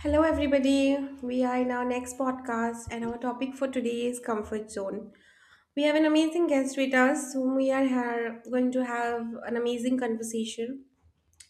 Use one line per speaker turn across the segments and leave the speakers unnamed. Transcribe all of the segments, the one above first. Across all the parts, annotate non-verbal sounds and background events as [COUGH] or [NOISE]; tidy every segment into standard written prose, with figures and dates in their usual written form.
Hello, everybody. We are in our next podcast, and our topic for today is comfort zone. We have an amazing guest with us, whom we are going to have an amazing conversation,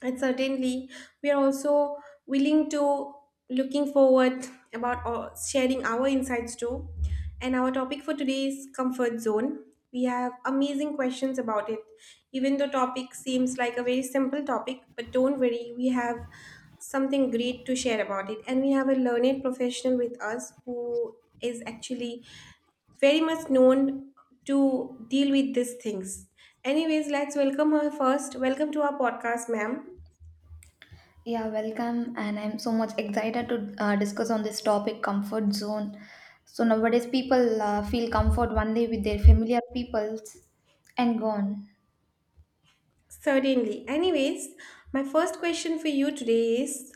and certainly we are also willing to looking forward about all- sharing our insights too. And our topic for today is comfort zone. We have amazing questions about it. Even though topic seems like a very simple topic, but don't worry, we have something great to share about it, and we have a learned professional with us who is actually very much known to deal with these things. Anyways, let's welcome her first. Welcome to our podcast, ma'am.
Yeah, welcome. And I'm so much excited to discuss on this topic comfort zone. So nowadays, people feel comfort only with their familiar peoples and gone.
Certainly. Anyways, my first question for you today is,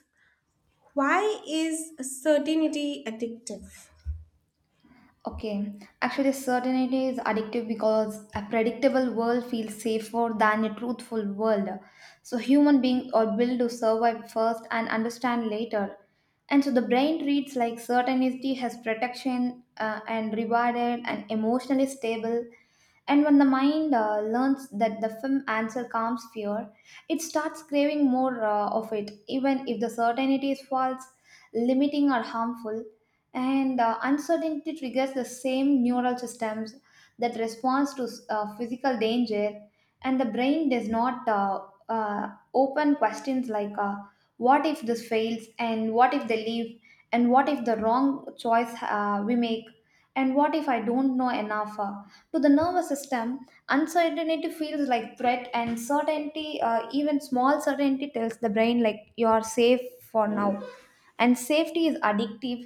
why is certainty addictive?
Okay, actually, certainty is addictive because a predictable world feels safer than a truthful world. So human beings are built to survive first and understand later. And so the brain reads like certainty has protection and rewarded and emotionally stable. And when the mind learns that the film answer calms fear, it starts craving more of it, even if the certainty is false, limiting, or harmful. And uncertainty triggers the same neural systems that responds to physical danger, and the brain does not open questions like what if this fails, and what if they leave, and what if the wrong choice we make, and what if I don't know enough to the nervous system. Uncertainty feels like threat, and certainty, even small certainty, tells the brain like you are safe for now, and safety is addictive.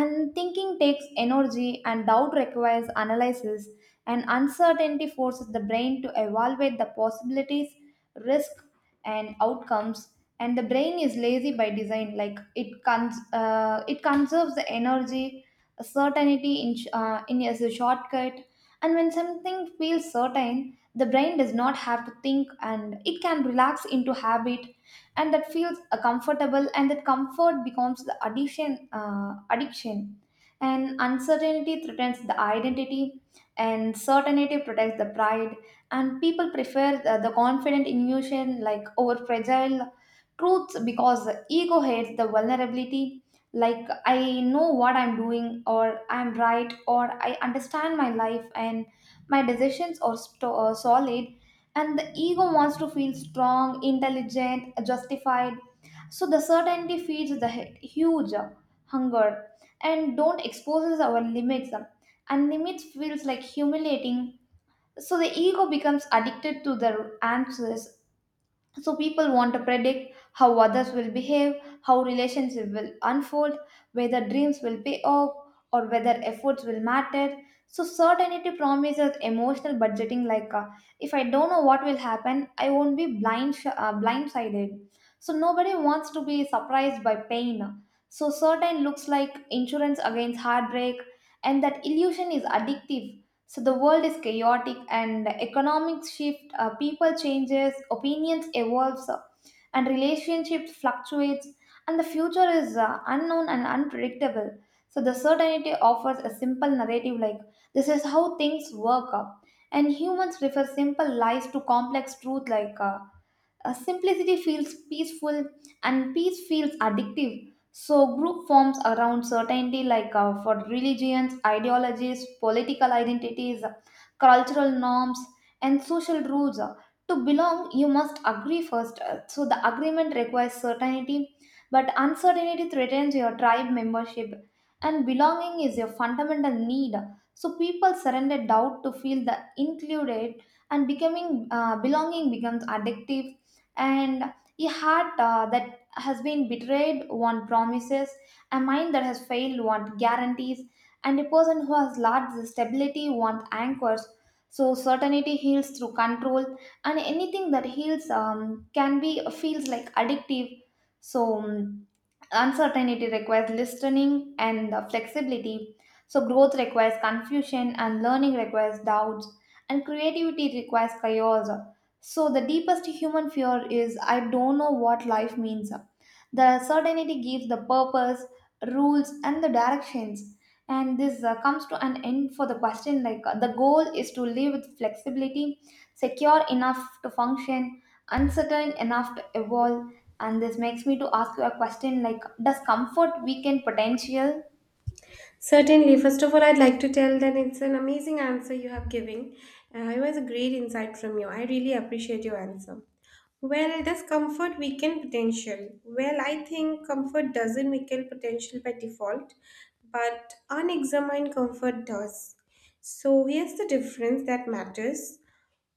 And thinking takes energy and doubt requires analysis, and uncertainty forces the brain to evaluate the possibilities, risk, and outcomes. And the brain is lazy by design, like it conserves the energy, certainty in sh- in as a shortcut. And when something feels certain, the brain does not have to think, and it can relax into habit, and that feels comfortable, and that comfort becomes the addiction. And uncertainty threatens the identity, and certainty protects the pride, and people prefer the confident illusion like over fragile truths because the ego hates the vulnerability, like I know what I'm doing, or I'm right, or I understand my life, and my decisions are solid. And the ego wants to feel strong, intelligent, justified. So the certainty feeds the huge hunger, and don't exposes our limits, and limits feels like humiliating, so the ego becomes addicted to the answers. So people want to predict how others will behave, how relationships will unfold, whether dreams will pay off, or whether efforts will matter. So certainty promises emotional budgeting, like if I don't know what will happen, I won't be blindsided. So nobody wants to be surprised by pain. So certain looks like insurance against heartbreak, and that illusion is addictive. So the world is chaotic, and economics shift, people changes, opinions evolves, and relationships fluctuates, and the future is unknown and unpredictable. So the certainty offers a simple narrative, like this is how things work, up, and humans prefer simple lies to complex truth like. Simplicity feels peaceful and peace feels addictive. So, group forms around certainty, like for religions, ideologies, political identities, cultural norms, and social rules. To belong, you must agree first. So, the agreement requires certainty, but uncertainty threatens your tribe membership. And belonging is your fundamental need. So, people surrender doubt to feel the included, and becoming belonging becomes addictive. And a heart that has been betrayed want promises, a mind that has failed want guarantees, and a person who has lost the stability want anchors. So certainty heals through control, and anything that heals can be feels like addictive. So uncertainty requires listening and the flexibility. So, growth requires confusion, and learning requires doubts, and creativity requires chaos. So, the deepest human fear is I don't know what life means. The certainty gives the purpose, rules, and the directions. And this comes to an end for the question, like the goal is to live with flexibility, secure enough to function, uncertain enough to evolve. And this makes me to ask you a question, like does comfort weaken potential?
Certainly. First of all, I'd like to tell that it's an amazing answer you have given. It was a great insight from you. I really appreciate your answer. Well, does comfort weaken potential? Well, I think comfort doesn't weaken potential by default, but unexamined comfort does. So here's the difference that matters.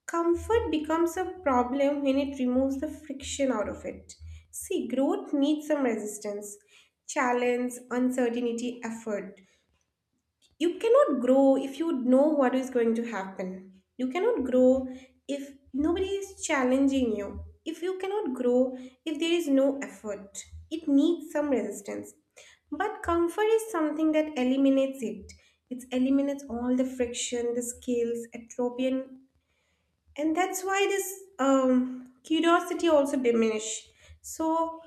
Comfort becomes a problem when it removes the friction out of it. See, growth needs some resistance, challenge, uncertainty, effort. You cannot grow if you know what is going to happen. You cannot grow if nobody is challenging you. If you cannot grow if there is no effort, it needs some resistance. But comfort is something that eliminates it. It eliminates all the friction, the skills, atrophy, and that's why this curiosity also diminish. So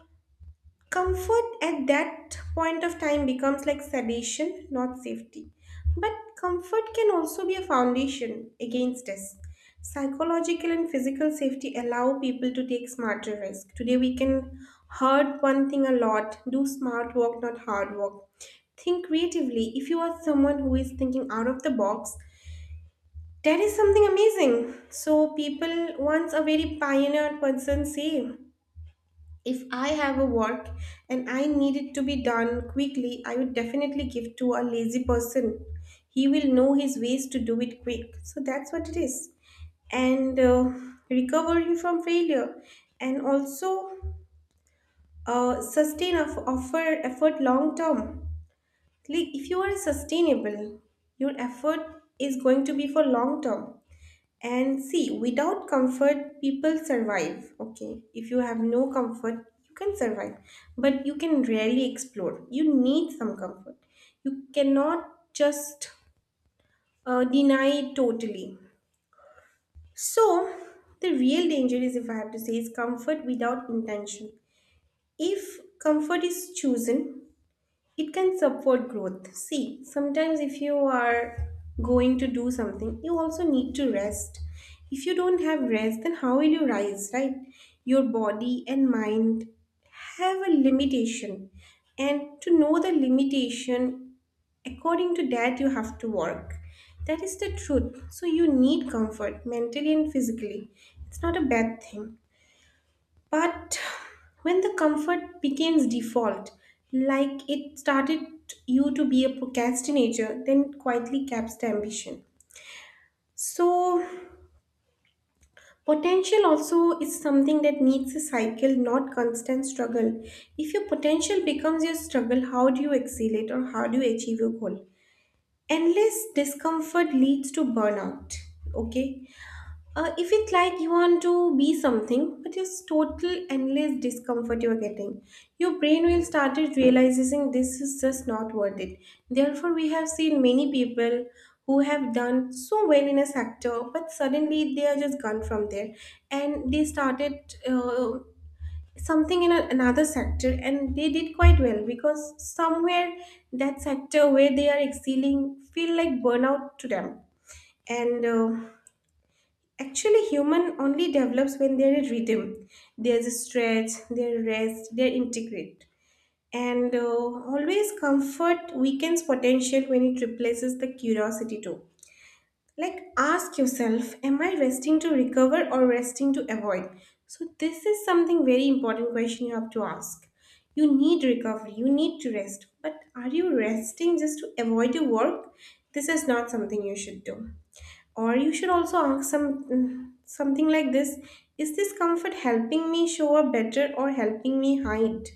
comfort at that point of time becomes like sedation, not safety. But comfort can also be a foundation against us. Psychological and physical safety allow people to take smarter risk. Today we can hurt one thing a lot, do smart work, not hard work, think creatively. If you are someone who is thinking out of the box, that is something amazing. So, people, once a very pioneer person say, if I have a work and I need it to be done quickly, I would definitely give to a lazy person. He will know his ways to do it quick. So, that's what it is. And recovering from failure, and also sustain of offer effort long term. Like, if you are sustainable, your effort is going to be for long term. And see, without comfort, people survive. Okay, if you have no comfort, you can survive, but you can rarely explore. You need some comfort. You cannot just deny it totally. So, the real danger is, if I have to say, is comfort without intention. If comfort is chosen, it can support growth. See, sometimes if you are going to do something, you also need to rest. If you don't have rest, then how will you rise, right? Your body and mind have a limitation, and to know the limitation, according to that you have to work. That is the truth. So you need comfort mentally and physically. It's not a bad thing. But when the comfort becomes default, like it started you to be a procrastinator, then it quietly caps the ambition. So, potential also is something that needs a cycle, not constant struggle. If your potential becomes your struggle, how do you excel it or how do you achieve your goal? Endless discomfort leads to burnout. Okay, if it's like you want to be something, but it's total endless discomfort you're getting, your brain will start realizing this is just not worth it. Therefore, we have seen many people who have done so well in a sector, but suddenly they are just gone from there, and they started something in another sector, and they did quite well because somewhere that sector where they are excelling feel like burnout to them. And uh, Actually, human only develops when there is rhythm. There's a stretch, there is rest, there integrate. And always comfort weakens potential when it replaces the curiosity too. Like ask yourself, am I resting to recover or resting to avoid? So this is something very important question you have to ask. You need recovery, you need to rest, but are you resting just to avoid your work? This is not something you should do. Or you should also ask some something like this: is this comfort helping me show up better or helping me hide?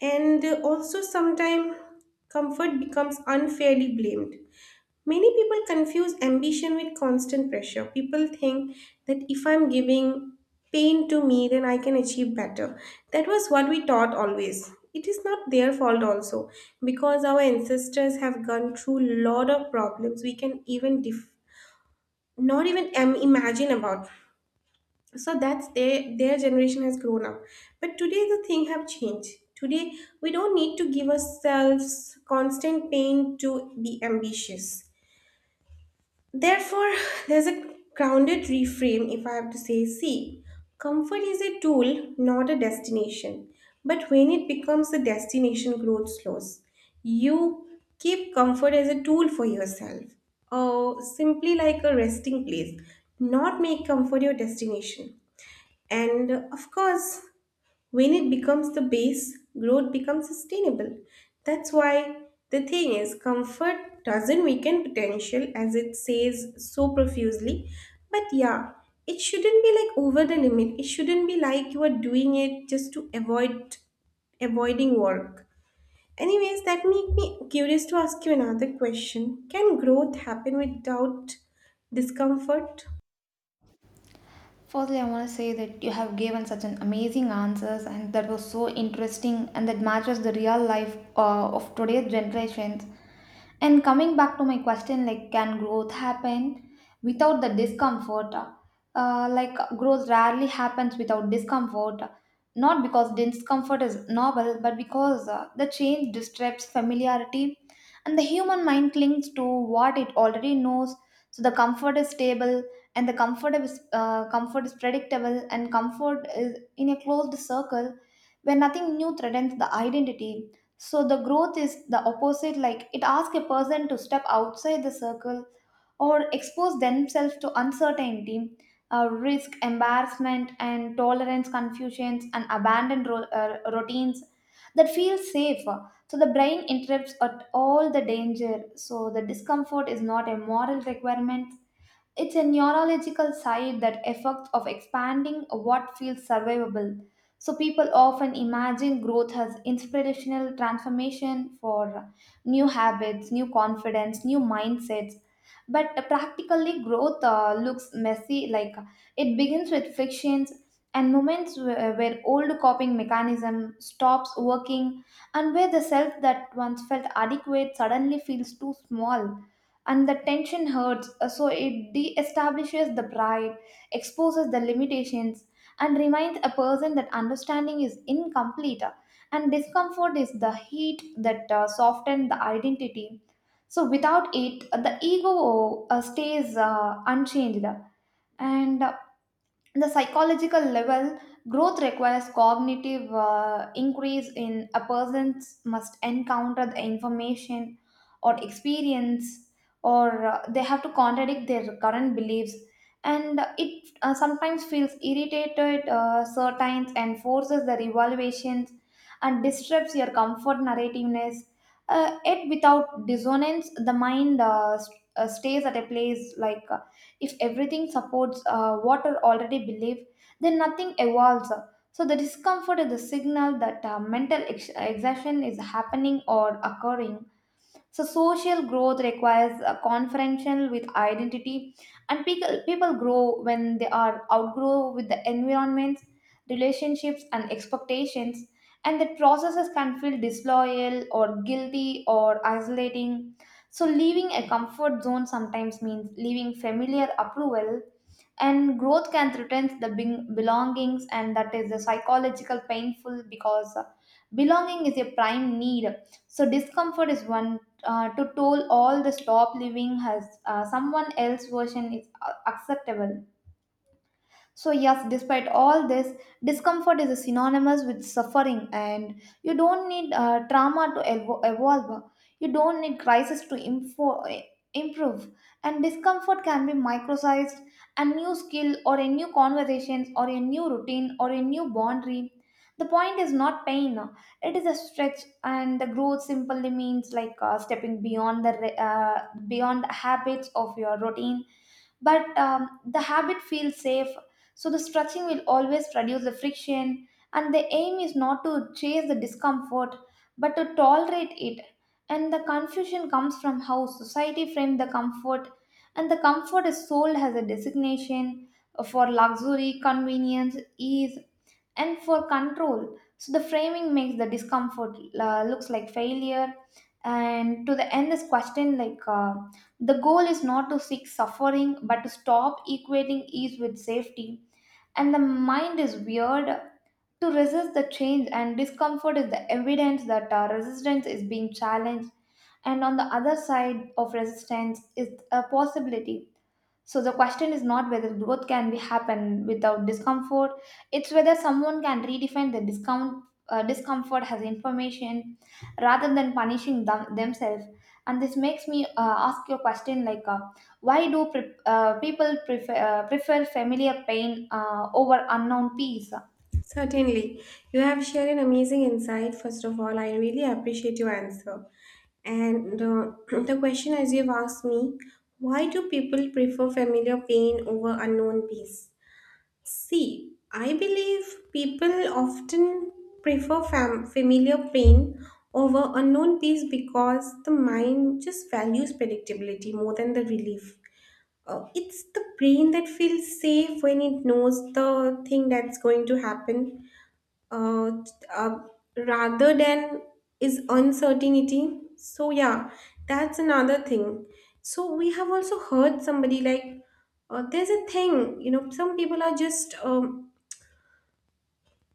And also, sometimes comfort becomes unfairly blamed. Many people confuse ambition with constant pressure. People think that if I'm giving pain to me, then I can achieve better. That was what we taught always. It is not their fault also, because our ancestors have gone through lot of problems. We can not even imagine about. So that's their generation has grown up, but today the thing have changed. Today we don't need to give ourselves constant pain to be ambitious. Therefore, there's a grounded reframe, if I have to say. See, comfort is a tool, not a destination. But when it becomes a destination, growth slows. You keep comfort as a tool for yourself, or simply like a resting place, not make comfort your destination. And of course, when it becomes the base, growth becomes sustainable. That's why the thing is, comfort doesn't weaken potential as it says so profusely. But yeah, it shouldn't be like over the limit. It shouldn't be like you are doing it just to avoiding work. Anyways, that make me curious to ask you another question. Can growth happen without discomfort?
Firstly, I want to say that you have given such an amazing answers, and that was so interesting, and that matches the real life of today's generations. And coming back to my question, like, can growth happen without the discomfort? Like, growth rarely happens without discomfort, not because discomfort is novel, but because the change disrupts familiarity, and the human mind clings to what it already knows. So the comfort is stable, and the comfort is predictable, and comfort is in a closed circle where nothing new threatens the identity. So the growth is the opposite, like it asks a person to step outside the circle, or expose themselves to uncertainty, risk embarrassment, and tolerance confusions, and abandoned routines that feel safe. So the brain interrupts at all the danger. So the discomfort is not a moral requirement, it's a neurological side that effects of expanding what feels survivable. So people often imagine growth as inspirational transformation for new habits, new confidence, new mindsets. But practically, growth looks messy. Like it begins with frictions and moments where old coping mechanism stops working, and where the self that once felt adequate suddenly feels too small, and the tension hurts, so it de-establishes the pride, exposes the limitations, and reminds a person that understanding is incomplete, and discomfort is the heat that softens the identity. So without it, the ego stays unchanged. And The psychological level, growth requires cognitive increase in a person, must encounter the information or experience, or they have to contradict their current beliefs. And it sometimes feels irritated certain, and forces the revaluations, and disrupts your comfort narrativeness. Yet without dissonance, the mind stays at a place, like if everything supports what are already believe, then nothing evolves. So the discomfort is the signal that mental exhaustion is happening or occurring. So social growth requires a confrontation with identity, and people grow when they are outgrow with the environments, relationships, and expectations. And that processes can feel disloyal or guilty or isolating. So leaving a comfort zone sometimes means leaving familiar approval, and growth can threaten the belongings, and that is the psychological painful because belonging is a prime need. So discomfort is one to toll all the stop living has someone else version is acceptable. So, yes, despite all this, discomfort is synonymous with suffering, and you don't need trauma to evolve. You don't need crisis to improve. And discomfort can be microsized, a new skill, or a new conversation, or a new routine, or a new boundary. The point is not pain, it is a stretch, and the growth simply means like stepping beyond the beyond the habits of your routine. But the habit feels safe, so the stretching will always reduce the friction, and the aim is not to chase the discomfort, but to tolerate it. And the confusion comes from how society frames the comfort, and the comfort is sold as a designation for luxury, convenience, ease, and for control. So the framing makes the discomfort looks like failure. And to the end, this question, like the goal is not to seek suffering, but to stop equating ease with safety. And the mind is weird to resist the change, and discomfort is the evidence that resistance is being challenged, and on the other side of resistance is a possibility. So the question is not whether growth can be happen without discomfort, it's whether someone can redefine the discount, discomfort as information rather than punishing themselves. And this makes me ask your question, like why do people prefer familiar pain over unknown peace?
Certainly. You have shared an amazing insight. First of all, I really appreciate your answer. And [CLEARS THROAT] the question, as you've asked me, why do people prefer familiar pain over unknown peace? See, I believe people often prefer familiar pain over unknown peace because the mind just values predictability more than the relief. It's the brain that feels safe when it knows the thing that's going to happen uh, uh, rather than is uncertainty. So yeah, that's another thing. So we have also heard somebody like, there's a thing, you know, some people are just um,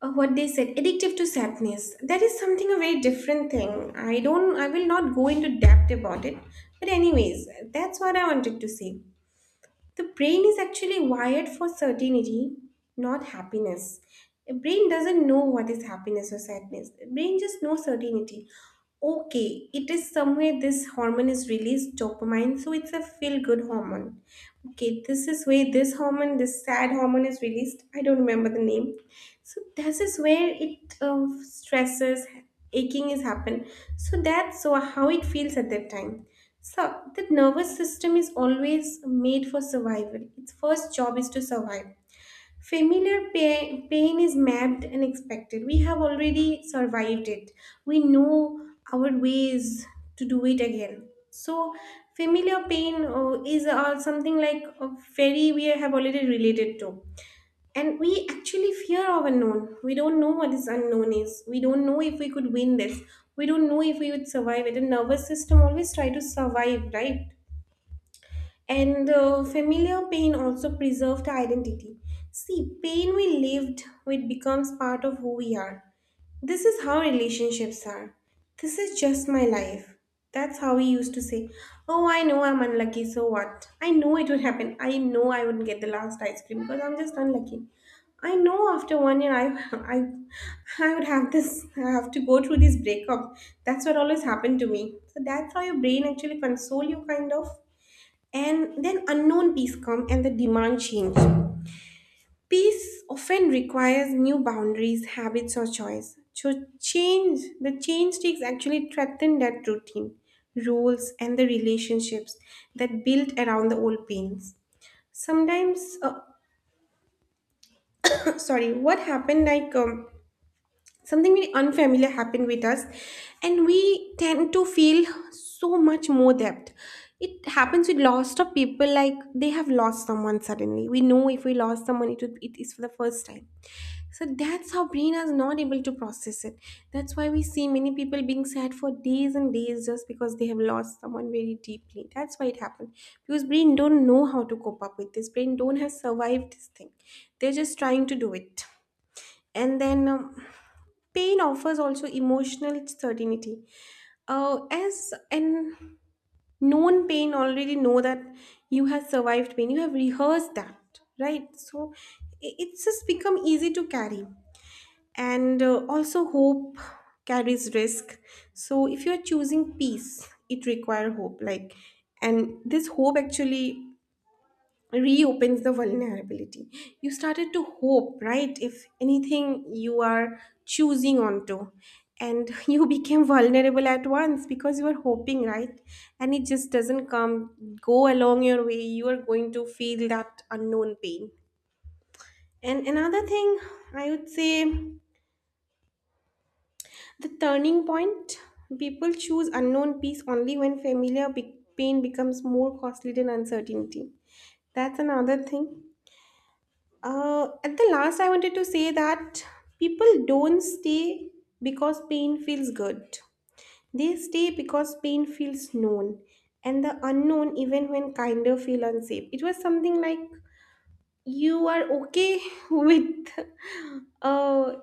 uh, what they said addictive to sadness. That is something a very different thing. I will not go into depth about it. But anyways, that's what I wanted to say. The brain is actually wired for certainty, not happiness. A brain doesn't know what is happiness or sadness. A brain just knows certainty. Okay, it is somewhere this hormone is released, dopamine, so it's a feel good hormone. Okay, this is where this hormone, this sad hormone is released. I don't remember the name. So this is where it stresses, aching is happen. So that's so how it feels at that time. So the nervous system is always made for survival. Its first job is to survive. Familiar pain, pain is mapped and expected. We have already survived it. We know our ways to do it again. So familiar pain is something like a very we have already related to, and we actually fear of unknown. We don't know what this unknown is. We don't know if we could win this. We don't know if we would survive it. The nervous system always try to survive, right? And familiar pain also preserved identity. See, pain we lived with becomes part of who we are. This is how relationships are. This is just my life. That's how we used to say, oh, I know I'm unlucky, so what? I know it would happen. I know I wouldn't get the last ice cream because I'm just unlucky. I know after one year I [LAUGHS] I I would have this, I have to go through this breakup. That's what always happened to me. So that's how your brain actually console you kind of. And then unknown peace come and the demand change. Peace often requires new boundaries, habits, or choice. So change, the change takes actually threaten that routine, rules, and the relationships that built around the old pains. Sometimes, [COUGHS] [CLEARS THROAT] sorry, what happened? Like something very unfamiliar happened with us, and we tend to feel so much more depth. It happens with lots of people. Like they have lost someone suddenly. We know if we lost someone, it would, it is for the first time. So that's how brain is not able to process it. That's why we see many people being sad for days and days just because they have lost someone very deeply. That's why it happened. Because brain don't know how to cope up with this. Brain don't have survived this thing. They're just trying to do it. And then pain offers also emotional certainty. As an known pain already know that you have survived pain. You have rehearsed that, right? So it's just become easy to carry. And also hope carries risk. So if you're choosing peace, it requires hope, like, and this hope actually reopens the vulnerability. You started to hope, right, if anything you are choosing onto, and [LAUGHS] you became vulnerable at once because you were hoping, right, and it just doesn't come go along your way, you are going to feel that unknown pain. And another thing I would say, the turning point, people choose unknown peace only when pain becomes more costly than uncertainty. That's another thing. At the last, I wanted to say that people don't stay because pain feels good, they stay because pain feels known. And the unknown, even when kinder, feel unsafe. It was something like you are okay [LAUGHS] with a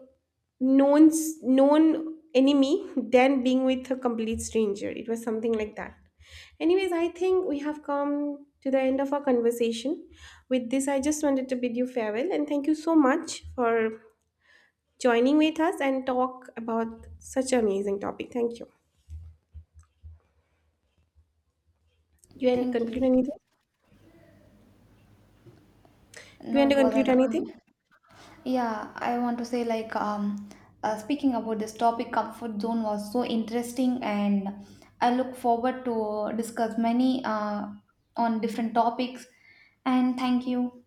known enemy than being with a complete stranger. It was something like that. Anyways, I think we have come to the end of our conversation. With this, I just wanted to bid you farewell and thank you so much for joining with us and talk about such an amazing topic. Thank you. You want to
Thank
conclude
you.
anything? You
No,
want
it
to conclude
wasn't.
anything?
Yeah, I want to say like speaking about this topic, comfort zone was so interesting, and I look forward to discuss many on different topics. And thank you.